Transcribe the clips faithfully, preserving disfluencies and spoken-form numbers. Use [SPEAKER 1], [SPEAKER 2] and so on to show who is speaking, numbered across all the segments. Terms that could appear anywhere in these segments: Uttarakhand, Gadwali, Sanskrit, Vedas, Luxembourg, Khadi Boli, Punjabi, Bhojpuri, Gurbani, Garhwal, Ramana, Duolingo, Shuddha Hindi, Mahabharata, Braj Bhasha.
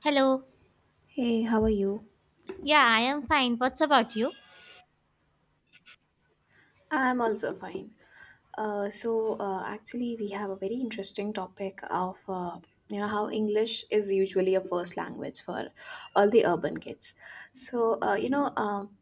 [SPEAKER 1] Hello.
[SPEAKER 2] Hey, how are you?
[SPEAKER 1] Yeah, I am fine. What's about you?
[SPEAKER 2] I'm also fine. Uh, so uh, actually, we have a very interesting topic of uh, you know how English is usually a first language for all the urban kids. So uh, you know, um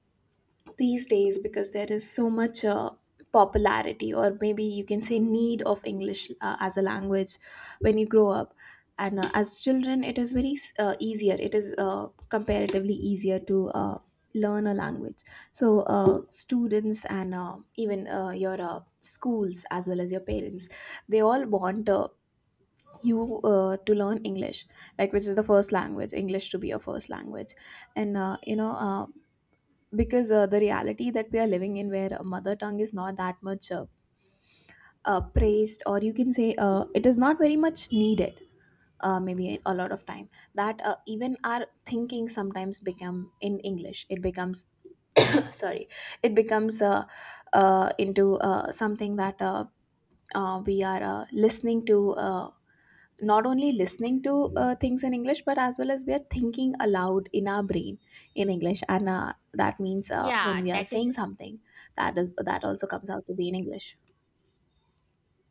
[SPEAKER 2] these days, because there is so much uh, popularity, or maybe you can say need of english uh, as a language when you grow up, and uh, as children it is very uh, easier, it is uh, comparatively easier to uh, learn a language. So uh, students and uh, even uh, your uh, schools, as well as your parents, they all want uh, you uh, to learn english, like which is the first language, english to be your first language. And uh, you know uh, because uh, the reality that we are living in, where a mother tongue is not that much uh, uh, praised, or you can say uh, it is not very much needed, uh, maybe a lot of time, that uh, even our thinking sometimes become in english. It becomes sorry, it becomes uh, uh, into uh, something that uh, uh, we are uh, listening to, uh, not only listening to uh, things in english, but as well as we are thinking aloud in our brain in english. And uh, that means uh, when
[SPEAKER 1] Yeah,
[SPEAKER 2] we are
[SPEAKER 1] that is.
[SPEAKER 2] saying something, that is that also comes out to be in english.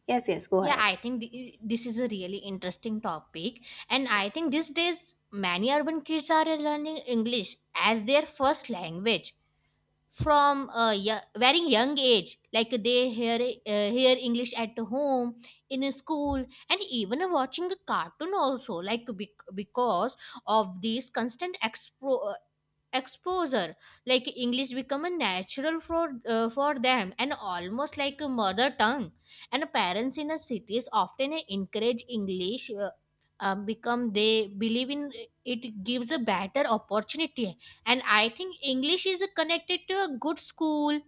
[SPEAKER 2] Yes, yes, go
[SPEAKER 1] Yeah,
[SPEAKER 2] ahead.
[SPEAKER 1] I think th- this is a really interesting topic. And I think these days, many urban kids are learning English as their first language from a yo- very young age. Like they hear, uh, hear English at home, in a school, and even watching a cartoon also. Like bec- because of this constant expo- exposure, like English become a natural for uh, for them, and almost like a mother tongue. And parents in a cities often encourage English, uh, uh, become they believe in, it gives a better opportunity. And I think English is connected to a good school,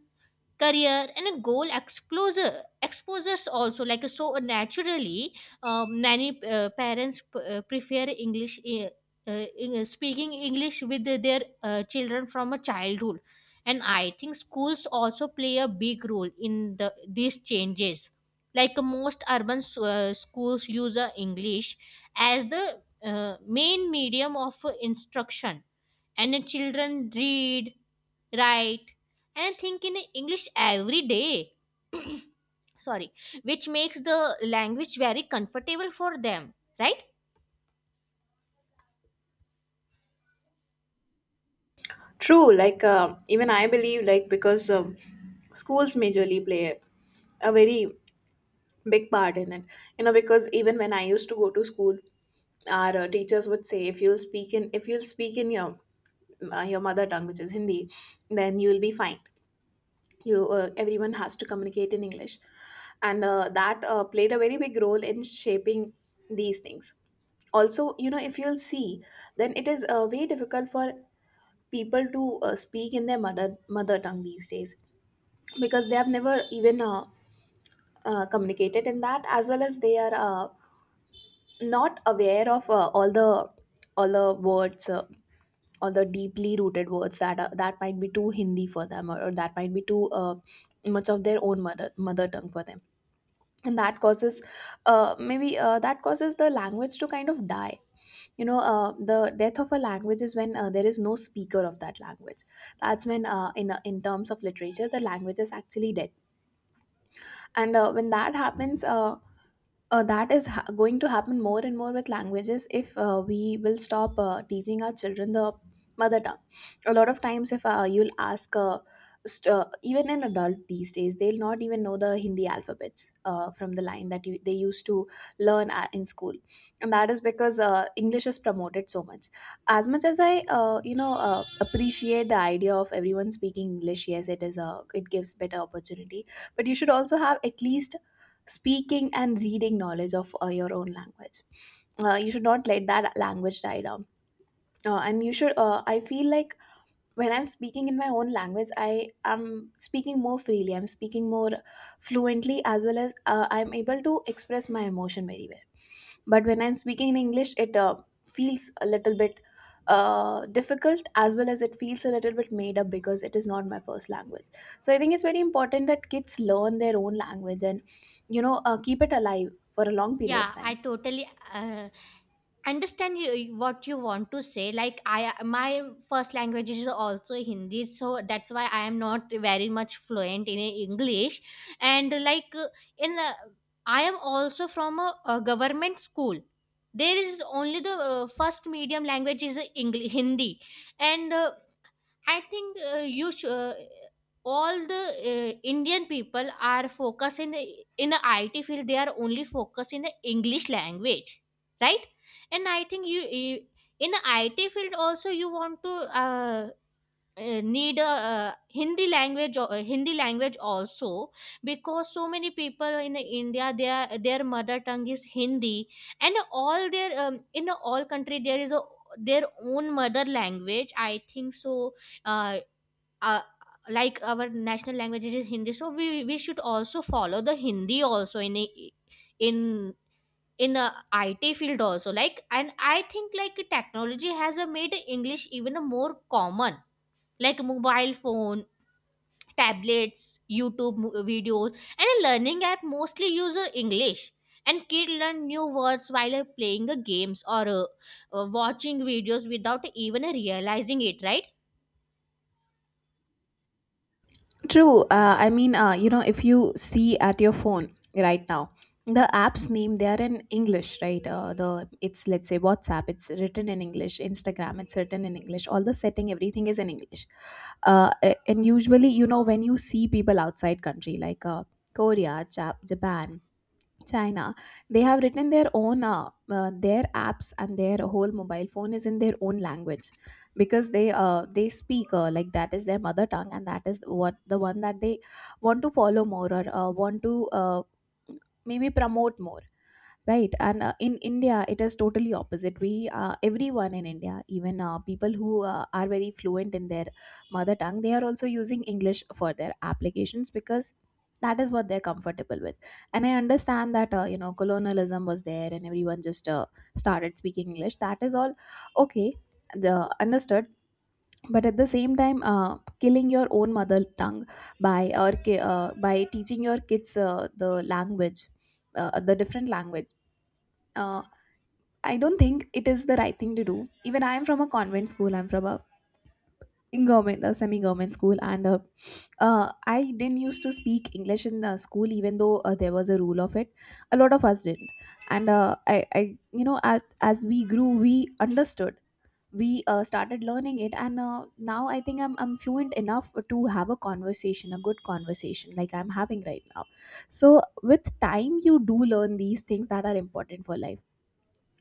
[SPEAKER 1] career, and a goal, exposure exposures also, like so naturally, um, many uh, parents p- uh, prefer English, uh, uh, in- speaking English with their uh, children from a childhood. And I think schools also play a big role in the these changes. Like most urban s- uh, schools use uh, English as the uh, main medium of uh, instruction, and the children read, write, and think in English every day. Sorry, which makes the language very comfortable for them, right?
[SPEAKER 2] True. Like, uh, even I believe, like, because um, schools majorly play a very big part in it. You know, because even when I used to go to school, our uh, teachers would say, if you'll speak in, if you'll speak in your uh, your mother tongue, which is Hindi, then you will be fine. You uh, Everyone has to communicate in english. And uh, that uh, played a very big role in shaping these things. Also, you know if you'll see, then it is uh, very difficult for people to uh, speak in their mother mother tongue these days, because they have never even uh, uh, communicated in that, as well as they are uh, not aware of uh, all the all the words, uh, all the deeply rooted words that are, that might be too hindi for them, or, or that might be too uh, much of their own mother mother tongue for them. And that causes uh, maybe uh, that causes the language to kind of die. You know uh, the death of a language is when uh, there is no speaker of that language. That's when, uh, in in terms of literature, the language is actually dead. And uh, when that happens, uh, uh, that is ha- going to happen more and more with languages if uh, we will stop uh, teaching our children the mother tongue. A lot of times, if uh, you'll ask, uh, st- uh, even an adult these days, they'll not even know the Hindi alphabets uh, from the line that you, they used to learn a in school, and that is because uh, English is promoted so much. As much as I, uh, you know, uh, appreciate the idea of everyone speaking English, yes, it is a it gives better opportunity. But you should also have at least speaking and reading knowledge of uh, your own language. Uh, you should not let that language die down, uh, and you should uh, I feel like, when I'm speaking in my own language, I am speaking more freely, I'm speaking more fluently, as well as uh, I'm able to express my emotion very well. But when I'm speaking in english, it uh, feels a little bit uh, difficult, as well as it feels a little bit made up, because it is not my first language. So I think it's very important that kids learn their own language and you know uh, keep it alive for a long period
[SPEAKER 1] Yeah,
[SPEAKER 2] of
[SPEAKER 1] I
[SPEAKER 2] time.
[SPEAKER 1] totally uh, understand you, what you want to say. Like, I my first language is also Hindi, so that's why I am not very much fluent in English. And like, uh, in uh, I am also from a, a government school. There is only the uh, first medium language is English, Hindi. And, uh, I think, uh, you should. Uh, all the uh, Indian people are focused in the- in the I T field. They are only focused in the English language, right? And I think you, you in the I T field also, you want to uh, uh, need a uh, Hindi language, or- uh, Hindi language also. Because so many people in India, their their mother tongue is Hindi. And all their um, in all country there is a their own mother language, I think so. uh, uh, like, our national language is Hindi, so we we should also follow the Hindi also in a, in in a I T field also. Like, and I think like technology has uh, made English even more common. Like mobile phone, tablets, YouTube mo- videos, and a learning app mostly use uh, English. And kids learn new words while uh, playing the games, or uh, uh, watching videos without even uh, realizing it, right?
[SPEAKER 2] True. Uh, I mean, uh, you know, if you see at your phone right now, the app's name, they are in English, right? Uh, the it's, let's say, WhatsApp, it's written in English. Instagram, it's written in English. All the setting, everything is in English. Uh, a- and usually, you know, when you see people outside country, like uh, Korea, Jap- Japan, China, they have written their own uh, uh, their apps, and their whole mobile phone is in their own language, because they uh, they speak, uh, like, that is their mother tongue, and that is what the one that they want to follow more, or uh, want to, uh, maybe, promote more, right. And uh, in india it is totally opposite. We uh, Everyone in india, even uh, people who uh, are very fluent in their mother tongue, they are also using english for their applications, because that is what they're comfortable with. And I understand that, uh, you know colonialism was there and everyone just uh, started speaking english, that is all okay, the understood. But at the same time, uh, killing your own mother tongue by or ki- uh, by teaching your kids uh, the language, uh, the different language, uh, I don't think it is the right thing to do. Even I am from a convent school. I'm from a in government, a semi-government school, and uh, uh, I didn't used to speak English in the school, even though uh, there was a rule of it. A lot of us didn't, and uh, I, I, you know, as as we grew, we understood. We uh, started learning it, and uh, now I think I'm I'm fluent enough to have a conversation, a good conversation, like I'm having right now. So with time, you do learn these things that are important for life.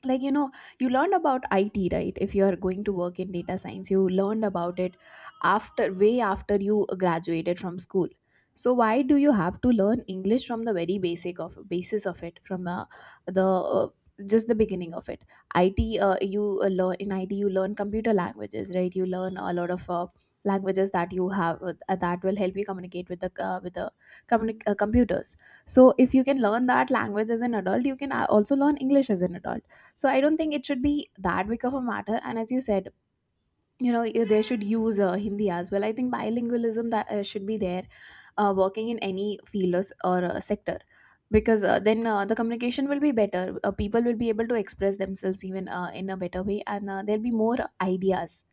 [SPEAKER 2] Like, you know you learned about it, right? If you are going to work in data science, you learned about it after way after you graduated from school. So why do you have to learn english from the very basic of basis of it, from uh, the uh, just the beginning of it. It uh, you uh, learn in it, you learn computer languages, right. You learn a lot of uh, languages that you have, uh, that will help you communicate with the uh, with the communi- uh, computers. So if you can learn that language as an adult, you can uh, also learn english as an adult. So I don't think it should be that big of a matter. And, as you said, you know i- they should use uh, hindi as well. I think bilingualism, that uh, should be there, uh, working in any field, or, s- or uh, sector, because uh, then uh, the communication will be better, uh, people will be able to express themselves, even uh, in a better way, and uh, there'll be more ideas.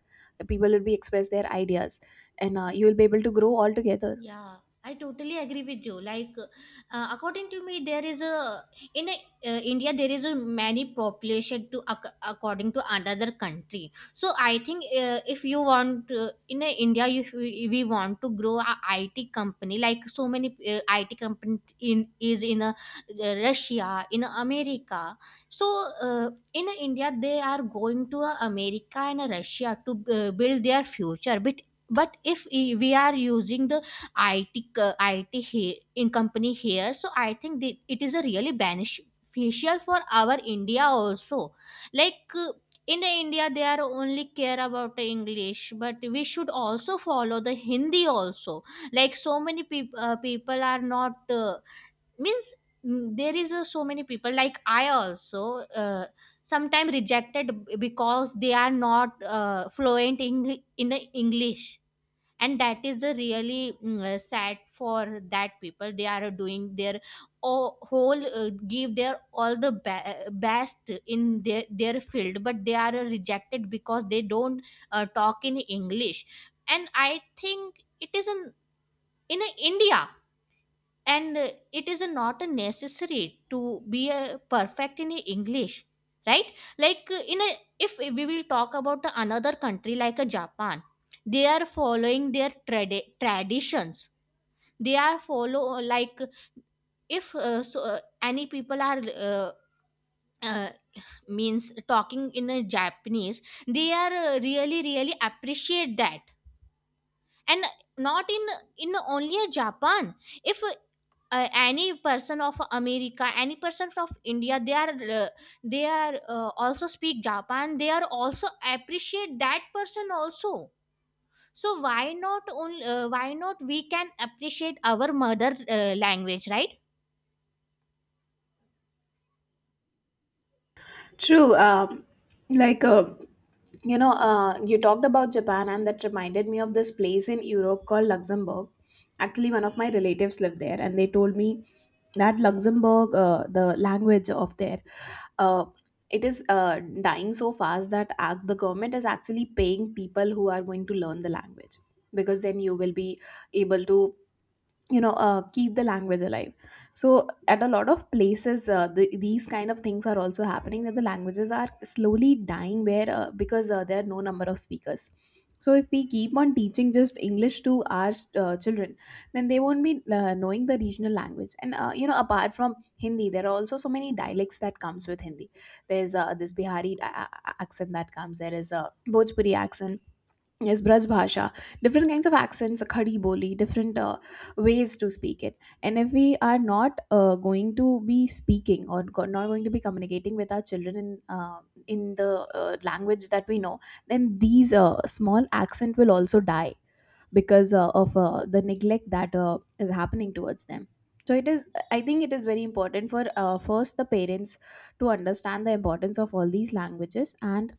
[SPEAKER 2] People will be express their ideas, and uh, you will be able to grow all together.
[SPEAKER 1] Yeah, I totally agree with you. Like, uh, according to me, there is a in a, uh, India, there is a many population to ac- according to another country. So I think, uh, if you want, uh, in a India, if we, we want to grow a I T company, like so many uh, I T company in is in a, uh, Russia, in America. So, uh, in a India, they are going to a America and a Russia to uh, build their future. But but if i- we are using the I T co- I T he- in company here. So I think that it is a really beneficial for our India also. Like, uh, in India, they are only care about English, but we should also follow the Hindi also. Like, so many people, uh, people are not, uh, means, mm, there is uh, so many people like I also. Uh, sometimes rejected b- because they are not uh, fluent in, in the English, and that is the really mm, uh, sad for that people. They are doing their o- whole, uh, give their all the ba- best in their their field, but they are rejected because they don't uh, talk in English. And I think it is in in uh, India. And uh, it is not necessary to be a perfect in English, right? Like, uh, in a if we will talk about the another country like a Japan, they are following their trad- traditions. They are follow, uh, like, if, uh, so, uh, any people are, uh, uh, means, talking in a Japanese, they are uh, really really appreciate that. And not in in only a Japan, if uh, any person of America, any person from India, they are, uh, they are, uh, also speak Japan, they are also appreciate that person also. So why not, only, uh, why not we can appreciate our mother uh, language, right?
[SPEAKER 2] True. Um, like, uh, You know, uh, you talked about Japan, and that reminded me of this place in Europe called Luxembourg. Actually, one of my relatives lived there, and they told me that Luxembourg, uh, the language of there, uh, it is uh, dying so fast that ac- the government is actually paying people who are going to learn the language, because then you will be able to you know uh, keep the language alive. So at a lot of places, uh, the, these kind of things are also happening, that the languages are slowly dying, where, uh, because uh, there are no number of speakers. So if we keep on teaching just english to our uh, children, then they won't be uh, knowing the regional language. And uh, you know apart from hindi, there are also so many dialects that comes with hindi. There's uh, this bihari a- a- accent that comes, there is a bhojpuri accent. Yes, Braj Bhasha. Different kinds of accents, Khadi Boli, different uh, ways to speak it. And if we are not uh, going to be speaking, or go- not going to be communicating with our children in uh, in the uh, language that we know, then these uh, small accent will also die, because uh, of uh, the neglect that uh, is happening towards them. So it is. I think it is very important for uh, first the parents to understand the importance of all these languages and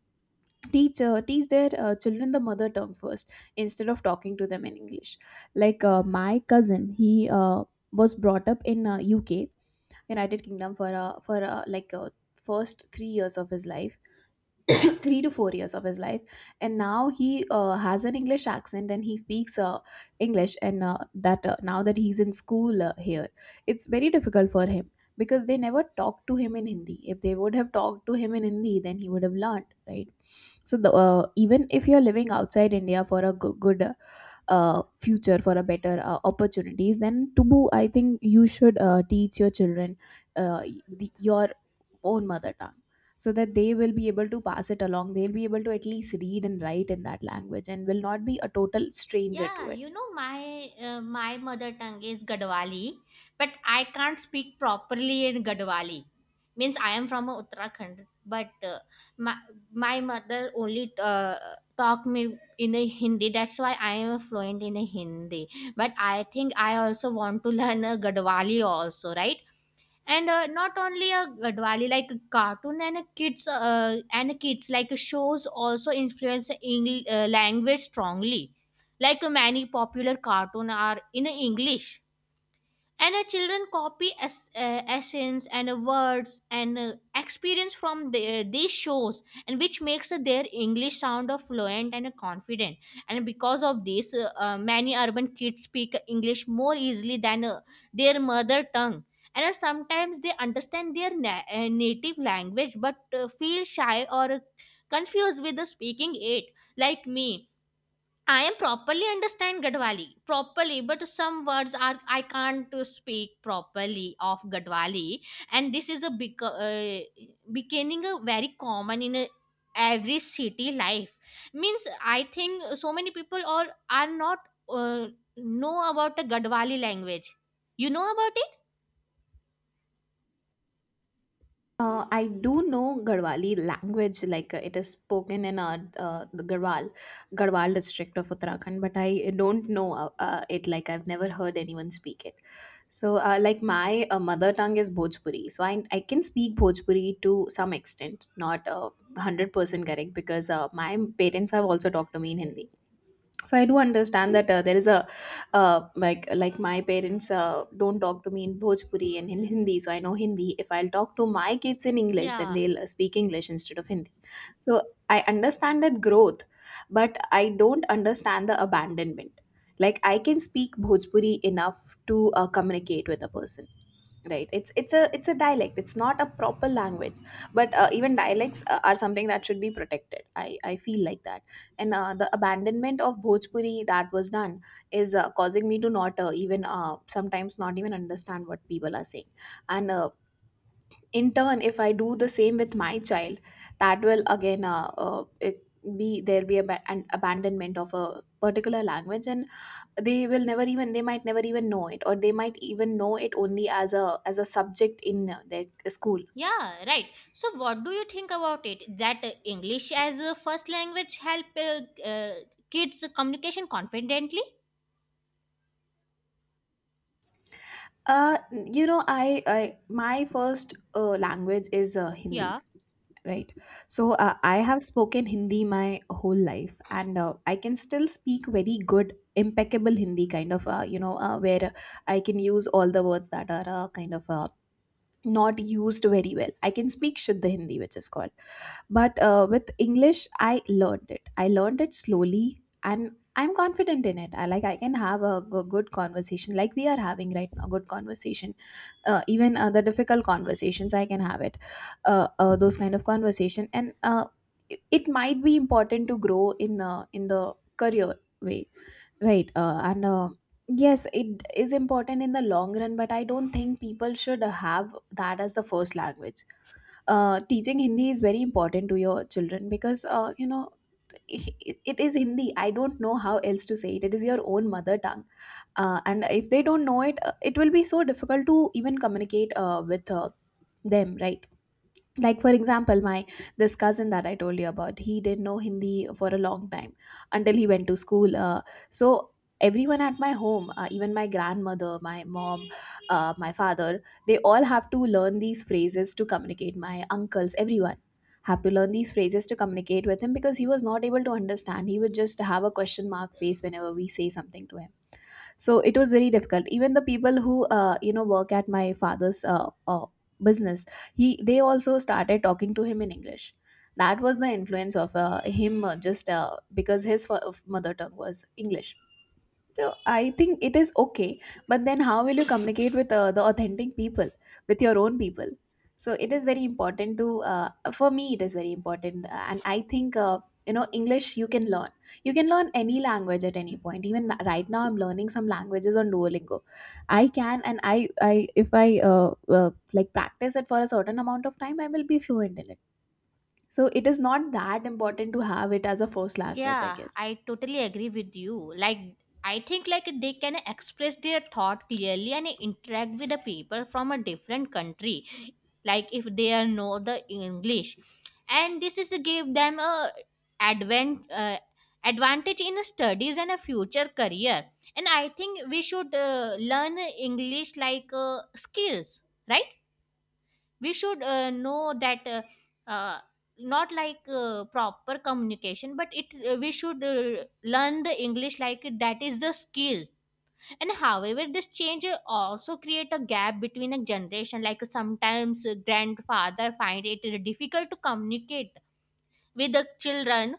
[SPEAKER 2] teach uh, teach their uh, children the mother tongue first instead of talking to them in english like uh, my cousin he uh, was brought up in uh, uk, united kingdom, for uh, for uh, like uh, first three years of his life three to four years of his life, and now he uh, has an english accent, and he speaks uh, english, and uh, that uh, now that he's in school uh, here, it's very difficult for him because they never talked to him in hindi. If they would have talked to him in hindi, then he would have learned, right? So the, uh, even if you're living outside india for a good, good uh, uh, future, for a better uh, opportunities, then Tubu, I think you should uh, teach your children uh, the, your own mother tongue so that they will be able to pass it along. They'll be able to at least read and write in that language, and will not be a total stranger to
[SPEAKER 1] Yeah,
[SPEAKER 2] it.
[SPEAKER 1] you know, my uh, my mother tongue is Gadwali, but I can't speak properly in Gadwali. Means, I am from uh, Uttarakhand, but uh, my my mother only uh, talk me in a Hindi. That's why I am fluent in a Hindi. But I think I also want to learn a Gadwali also, right? And uh, not only a, a Diwali, like a cartoon and a kids uh, and a kids like shows also influence English uh, language strongly. Like, many popular cartoon are in English, and uh, children copy es- uh, essence, and uh, words, and uh, experience from the, uh, these shows, and which makes uh, their English sound uh, fluent and uh, confident. And because of this, uh, uh, many urban kids speak English more easily than uh, their mother tongue. And uh, sometimes they understand their na- uh, native language, but uh, feel shy or uh, confused with the speaking it, like me. I am properly understand Gadwali properly, but some words are I can't to speak properly of Gadwali, and this is a bec- uh, becoming a very common in a, every city life. Means, I think so many people or are not, uh, know about the Gadwali language. You know about it?
[SPEAKER 2] Uh, I do know Garhwali language, like uh, it is spoken in uh, uh, the Garhwal, Garhwal district of Uttarakhand, but I don't know uh, uh, it. Like, I've never heard anyone speak it. So, uh, like my uh, mother tongue is Bhojpuri, so I I can speak Bhojpuri to some extent, not uh, hundred percent correct because uh, my parents have also talked to me in Hindi. So I do understand that uh, there is a uh, like like my parents uh, don't talk to me in bhojpuri and in hindi, so I know hindi. If I'll talk to my kids in english, then
[SPEAKER 1] Yeah,
[SPEAKER 2] they'll uh, speak english instead of hindi. So I understand that growth, but I don't understand the abandonment. Like, I can speak bhojpuri enough to uh, communicate with a person, right? It's it's a it's a dialect, it's not a proper language, but uh, even dialects uh, are something that should be protected. I i feel like that. And uh, the abandonment of bhojpuri that was done is uh, causing me to not uh, even uh, sometimes not even understand what people are saying. And uh, in turn, if I do the same with my child, that will again uh, uh, it be there'll be a ba- an abandonment of a particular language, and they will never even they might never even know it, or they might even know it only as a as a subject in uh, their school.
[SPEAKER 1] yeah, right. So what do you think about it? That uh, English as a first language help, uh, uh, kids communication confidently?
[SPEAKER 2] uh you know i, I, my first uh, language is uh, hindi,
[SPEAKER 1] Yeah,
[SPEAKER 2] right? So uh, I have spoken hindi my whole life, and uh, I can still speak very good, impeccable hindi, kind of uh, you know uh, where I can use all the words that are uh, kind of uh, not used very well. I can speak Shuddha Hindi, which is called. But uh, with English, I learned it. I learned it slowly, and I'm confident in it. I like, I can have a g- good conversation, like we are having right now, good conversation. Uh, even uh, the difficult conversations, I can have it. Uh, uh, those kind of conversation, and uh, it it might be important to grow in uh, in the career way. Right. Uh, and uh, yes, it is important in the long run, but I don't think people should uh, have that as the first language. Uh, teaching Hindi is very important to your children because, uh, you know, it, it is Hindi. I don't know how else to say it. It is your own mother tongue. Uh, and if they don't know it, uh, it will be so difficult to even communicate uh, with uh, them, right? Like, for example, my this cousin that I told you about, he didn't know hindi for a long time until he went to school. Uh, so everyone at my home, uh, even my grandmother, my mom, uh, my father, they all have to learn these phrases to communicate. My uncles, everyone have to learn these phrases to communicate with him, because he was not able to understand. He would just have a question mark face whenever we say something to him. So it was very difficult. Even the people who uh, you know work at my father's uh, uh, business, he they also started talking to him in english. That was the influence of uh, him uh, just uh, because his f- mother tongue was english. So I think it is okay, but then how will you communicate with uh, the authentic people, with your own people? So it is very important to, uh, for me, it is very important. And I think uh, you know English you can learn. You can learn any language at any point. Even right now, I'm learning some languages on Duolingo. I can, and I, I if I uh, uh, like, practice it for a certain amount of time, I will be fluent in it. So it is not that important to have it as a first language, I
[SPEAKER 1] yeah,
[SPEAKER 2] guess.
[SPEAKER 1] I totally agree with you. Like, I think like they can express their thought clearly and interact with the people from a different country, like if they are know the English, and this is give them a advent uh, advantage in studies and a future career. And I think we should uh, learn English like uh, skills, right? We should uh, know that, uh, uh, not like, uh, proper communication, but it uh, we should uh, learn the English like that is the skill. And however this change uh, also create a gap between a generation, like sometimes uh, grandfather find it difficult to communicate with the children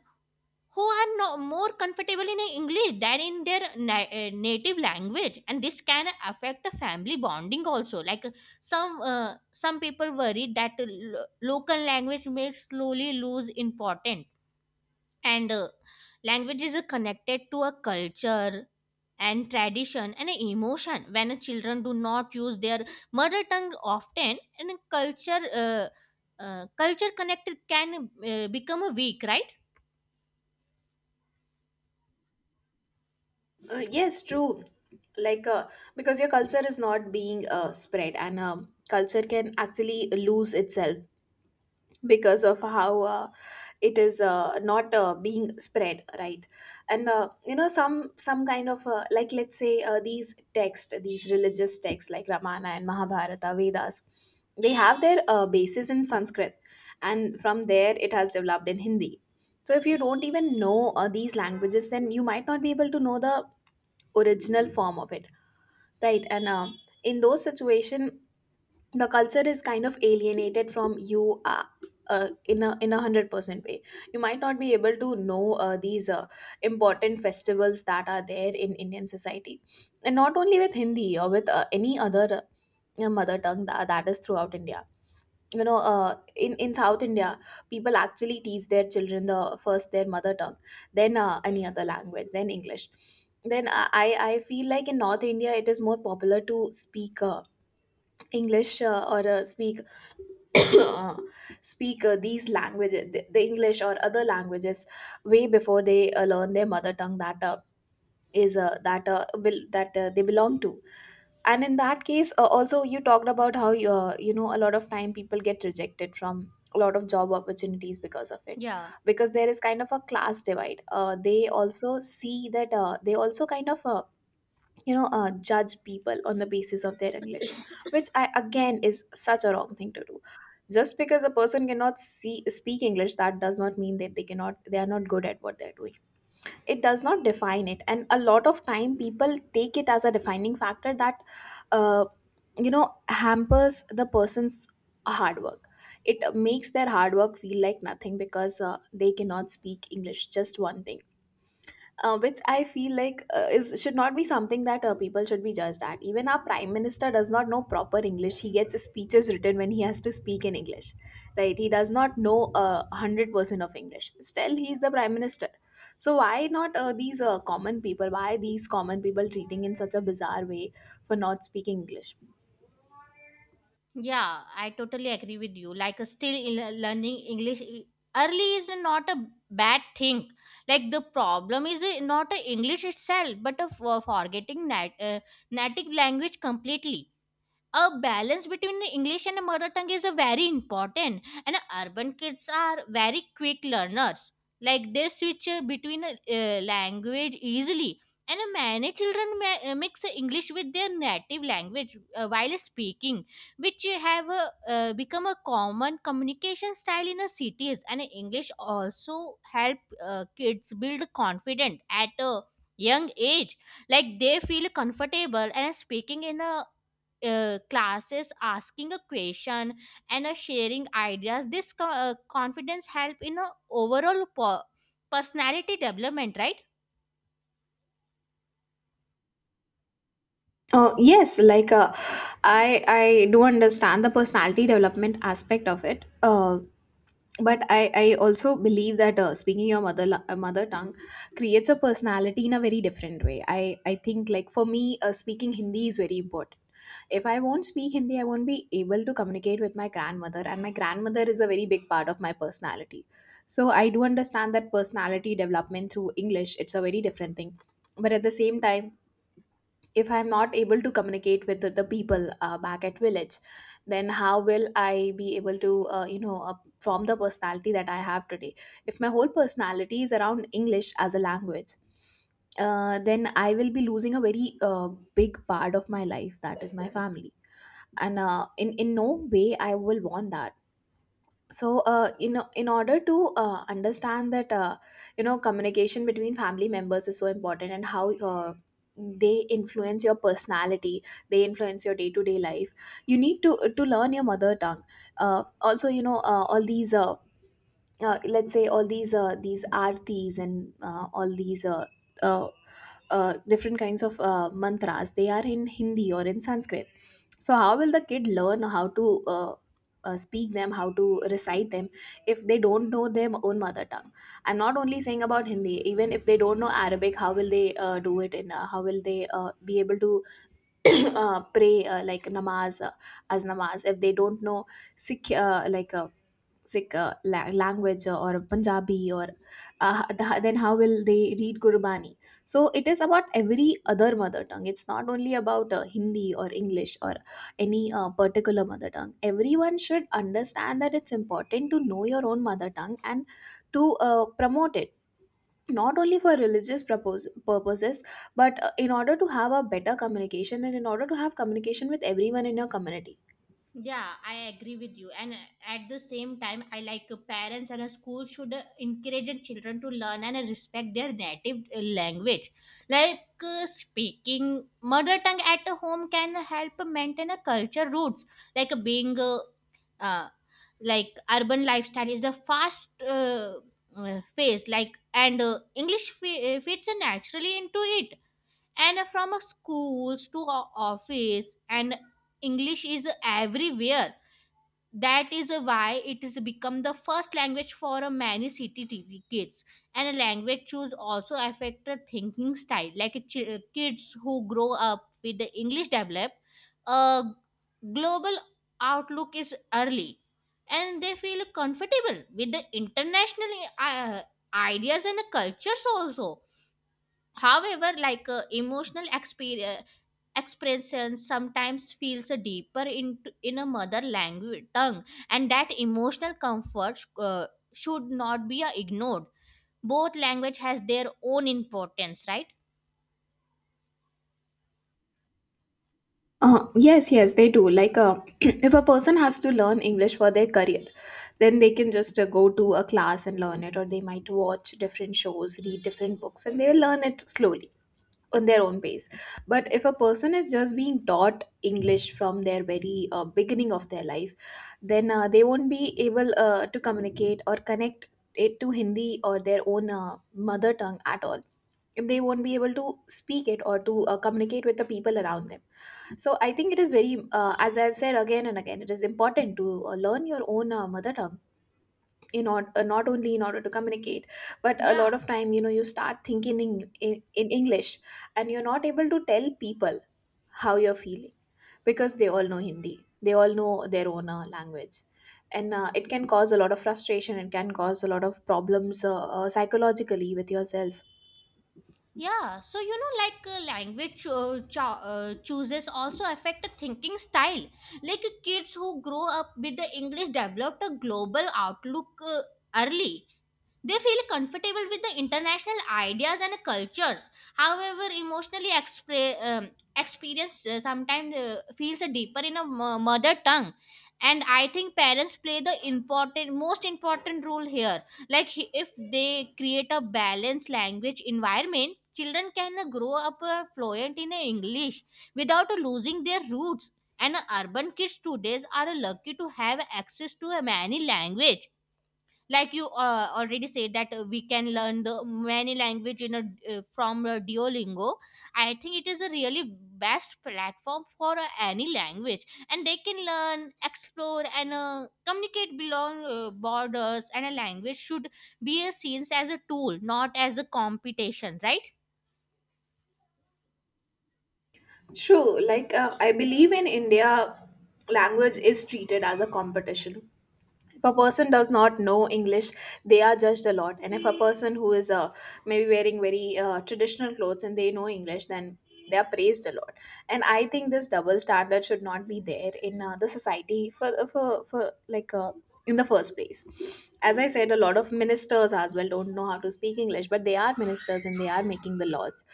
[SPEAKER 1] who are no, more comfortable in English than in their na- uh, native language, and this can affect the family bonding also. Like, uh, some uh, some people worry that, uh, lo- local language may slowly lose important. And uh, language is uh, connected to a culture and tradition and emotion. When uh, children do not use their mother tongue often, and culture uh, uh, culture connected can uh, become weak, right?
[SPEAKER 2] Uh, yes, true. Like, uh, because your culture is not being uh, spread, and um, culture can actually lose itself because of how uh, it is uh, not uh, being spread, right? And uh, you know, some some kind of uh, like, let's say uh, these texts, these religious texts like Ramana and Mahabharata, Vedas, they have their uh, basis in Sanskrit, and from there it has developed in Hindi. So if you don't even know uh, these languages, then you might not be able to know the original form of it, right? And um, in those situation, the culture is kind of alienated from you, uh, uh, in a in a hundred percent way. You might not be able to know uh, these uh, important festivals that are there in indian society. And not only with hindi, or with uh, any other uh, mother tongue that, that is throughout india. You know uh, in in south india, people actually teach their children the first, their mother tongue, then uh, any other language, then english. Then uh, i i feel like in north india it is more popular to speak uh, english uh, or uh, speak uh, speak uh, these languages, the, the english or other languages, way before they uh, learn their mother tongue that uh, is uh, that uh, will that uh, they belong to. And in that case, uh, also, you talked about how, uh, you know a lot of time people get rejected from a lot of job opportunities because of it,
[SPEAKER 1] Yeah.
[SPEAKER 2] because there is kind of a class divide. Uh, they also see that, uh, they also kind of uh, you know uh, judge people on the basis of their english, which I again is such a wrong thing to do. Just because a person cannot see speak english, that does not mean that they cannot they are not good at what they're doing. It does not define it, and a lot of time people take it as a defining factor that, uh, you know hampers the person's hard work. It makes their hard work feel like nothing because uh, they cannot speak english, just one thing. Uh, which I feel like uh, is should not be something that uh, people should be judged at. Even our prime minister does not know proper English. He gets speeches written when he has to speak in English, right? He does not know uh, one hundred percent of English. Still, he is the prime minister. So why not uh, these uh, common people? Why these common people treating in such a bizarre way for not speaking English?
[SPEAKER 1] Yeah, I totally agree with you. Like, uh, still il- learning English i- early is not a bad thing. Like, the problem is uh, not uh, English itself, but uh, for forgetting nat- uh, native language completely. A balance between English and mother tongue is a very important, and urban kids are very quick learners. Like, they switch uh, between, uh, uh, language easily. And uh, many children ma- uh, mix English with their native language uh, while speaking, which have, uh, uh, become a common communication style in the cities. And English also help uh, kids build confidence at a young age. Like, they feel comfortable and speaking in a uh, classes, asking a question, and uh, sharing ideas. This co- uh, confidence help in a overall po- personality development, right?
[SPEAKER 2] Uh, yes, like, uh, I I do understand the personality development aspect of it. Uh, but I, I also believe that uh, speaking your mother la- uh, mother tongue creates a personality in a very different way. I, I think like for me uh, speaking Hindi is very important. If I won't speak Hindi, I won't be able to communicate with my grandmother, and my grandmother is a very big part of my personality. So I do understand that personality development through English it's a very different thing, but at the same time if I'm not able to communicate with the, the people uh, back at village then how will I be able to uh, you know uh, form the personality that I have today. If my whole personality is around English as a language, uh, then I will be losing a very uh, big part of my life, that is my family. And uh, in in no way I will want that. So uh, in in order to uh, understand that, uh, you know communication between family members is so important, and how uh, they influence your personality, they influence your day to day life, you need to to learn your mother tongue. Uh, also, you know uh, all these uh, uh, let's say all these uh, these artis and uh, all these uh, uh, uh, different kinds of uh, mantras, they are in Hindi or in Sanskrit. So how will the kid learn how to uh, uh, speak them, how to recite them, if they don't know their own mother tongue? I'm not only saying about Hindi. Even if they don't know Arabic, how will they uh, do it? And uh, how will they uh, be able to uh, pray uh, like namaz, uh, as namaz, if they don't know sikh uh, like uh, Sikh uh, la- language or Punjabi or uh, th- then how will they read Gurbani? So it is about every other mother tongue. It's not only about uh, Hindi or English or any uh, particular mother tongue. Everyone should understand that it's important to know your own mother tongue and to uh, promote it. Not only for religious propos- purposes, but uh, in order to have a better communication and in order to have communication with everyone in your community.
[SPEAKER 1] Yeah, I agree with you. And uh, at the same time, I like, uh, parents and a school should uh, encourage the children to learn and uh, respect their native uh, language. Like, uh, speaking mother tongue at home can help maintain a culture roots. Like, uh, being uh, uh, like urban lifestyle is the fast, uh, uh, phase, like, and uh, English fi- uh, fits naturally into it. And from uh, schools to o- office, and English is everywhere. That is why it has become the first language for a many city T V kids. And a language choose also affect the thinking style, like a chi- kids who grow up with the English develop a global outlook is early, and they feel comfortable with the international uh, ideas and cultures also. However, like, uh, emotional experience expression sometimes feels deeper in in a mother language tongue, and that emotional comfort uh, should not be uh, ignored. Both language has their own importance, right?
[SPEAKER 2] Uh, yes, yes, they do. Like, uh, if a person has to learn English for their career, then they can just uh, go to a class and learn it, or they might watch different shows, read different books, and they'll learn it slowly on their own pace. But if a person is just being taught English from their very uh, beginning of their life, then uh, they won't be able uh, to communicate or connect it to Hindi or their own uh, mother tongue at all. They won't be able to speak it or to uh, communicate with the people around them. So I think it is very uh, as I've said again and again, it is important to uh, learn your own uh, mother tongue, in order uh, not only in order to communicate, but a lot
[SPEAKER 1] Yeah,
[SPEAKER 2] of time, you know, you start thinking in, in, in English, and you're not able to tell people how you're feeling, because they all know Hindi, they all know their own uh, language. And uh, it can cause a lot of frustration, it can cause a lot of problems, uh, uh, psychologically, with yourself.
[SPEAKER 1] yeah. So, you know, like, uh, language, uh, cho- uh, chooses also affect the thinking style, like kids who grow up with the English developed a global outlook, uh, early. They feel comfortable with the international ideas and cultures. However, emotionally expre- um, experience uh, sometimes uh, feels deeper in a mo- mother tongue. And I think parents play the important, most important role here. Like, he- if they create a balanced language environment, children can uh, grow up uh, fluent in uh, English without uh, losing their roots. And uh, urban kids today are lucky to have access to uh, many language, like you uh, already said that uh, we can learn the many language in a, uh, from uh, Duolingo. I think it is a really best platform for uh, any language, and they can learn, explore, and uh, communicate beyond uh, borders. And a language should be a seen as a tool, not as a competition, right?
[SPEAKER 2] True, like, uh, I believe in India, language is treated as a competition. If a person does not know English, they are judged a lot. And if a person who is uh, maybe wearing very uh, traditional clothes and they know English, then they are praised a lot. And I think this double standard should not be there in uh, the society, for uh, for, for like, uh, in the first place. As I said, a lot of ministers as well don't know how to speak English, but they are ministers and they are making the laws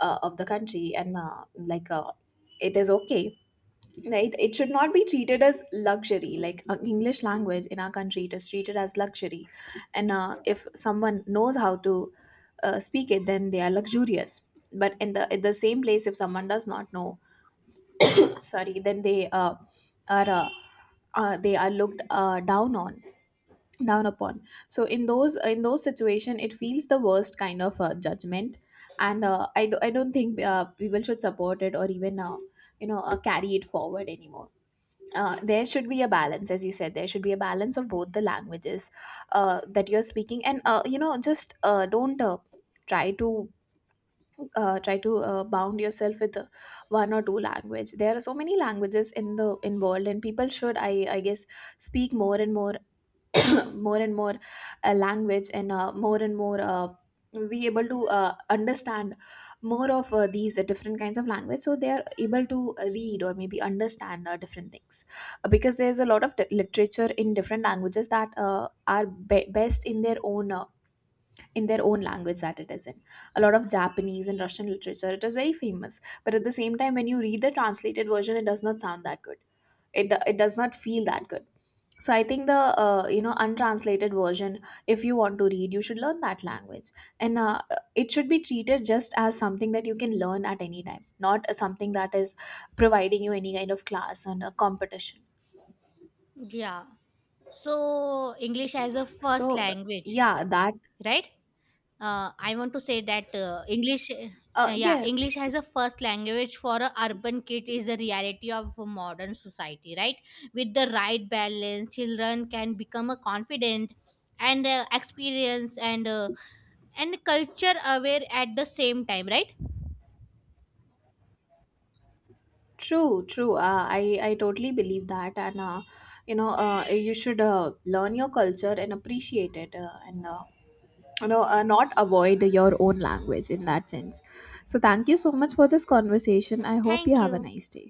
[SPEAKER 2] uh, of the country. And uh, like, uh, it is okay, right? It should not be treated as luxury. Like, uh, English language in our country, it is treated as luxury. And uh, if someone knows how to uh, speak it, then they are luxurious. But in the, at the same place, if someone does not know, sorry, then they uh, are uh, uh, they are looked uh, down on, down upon. So in those, in those situation, it feels the worst kind of uh, judgment. And uh, I, do, I don't think uh, people should support it or even uh, you know uh, carry it forward anymore. Uh, there should be a balance, as you said, there should be a balance of both the languages uh, that you're speaking. And uh, you know just uh, don't uh, try to uh, try to uh, bound yourself with uh, one or two language. There are so many languages in the in world, and people should, i i guess, speak more and more, more and more uh, language. And uh, more and more uh, be able to uh, understand more of uh, these uh, different kinds of language, so they are able to read or maybe understand uh, different things. Uh, because there's a lot of t- literature in different languages that uh, are be- best in their own uh, in their own language that it is in. A lot of Japanese and Russian literature, it is very famous, but at the same time when you read the translated version, it does not sound that good. It, do- it does not feel that good. So I think the uh, you know untranslated version, if you want to read, you should learn that language. And uh, it should be treated just as something that you can learn at any time, not as something that is providing you any kind of class and a competition.
[SPEAKER 1] Yeah. So, English as a first
[SPEAKER 2] So
[SPEAKER 1] language,
[SPEAKER 2] yeah, that
[SPEAKER 1] right, uh, I want to say that uh, English,
[SPEAKER 2] uh,
[SPEAKER 1] uh, yeah,
[SPEAKER 2] yeah,
[SPEAKER 1] English as a first language for a urban kid is a reality of a modern society, right? With the right balance, children can become a confident, and uh, experienced, and uh, and culture aware at the same time, right?
[SPEAKER 2] true, true, uh, i i totally believe that. And uh, you know uh, you should uh, learn your culture and appreciate it, uh, and uh, you know uh, not avoid your own language in that sense. So thank you so much for this conversation. I hope you
[SPEAKER 1] Thank
[SPEAKER 2] have a
[SPEAKER 1] you.
[SPEAKER 2] nice day.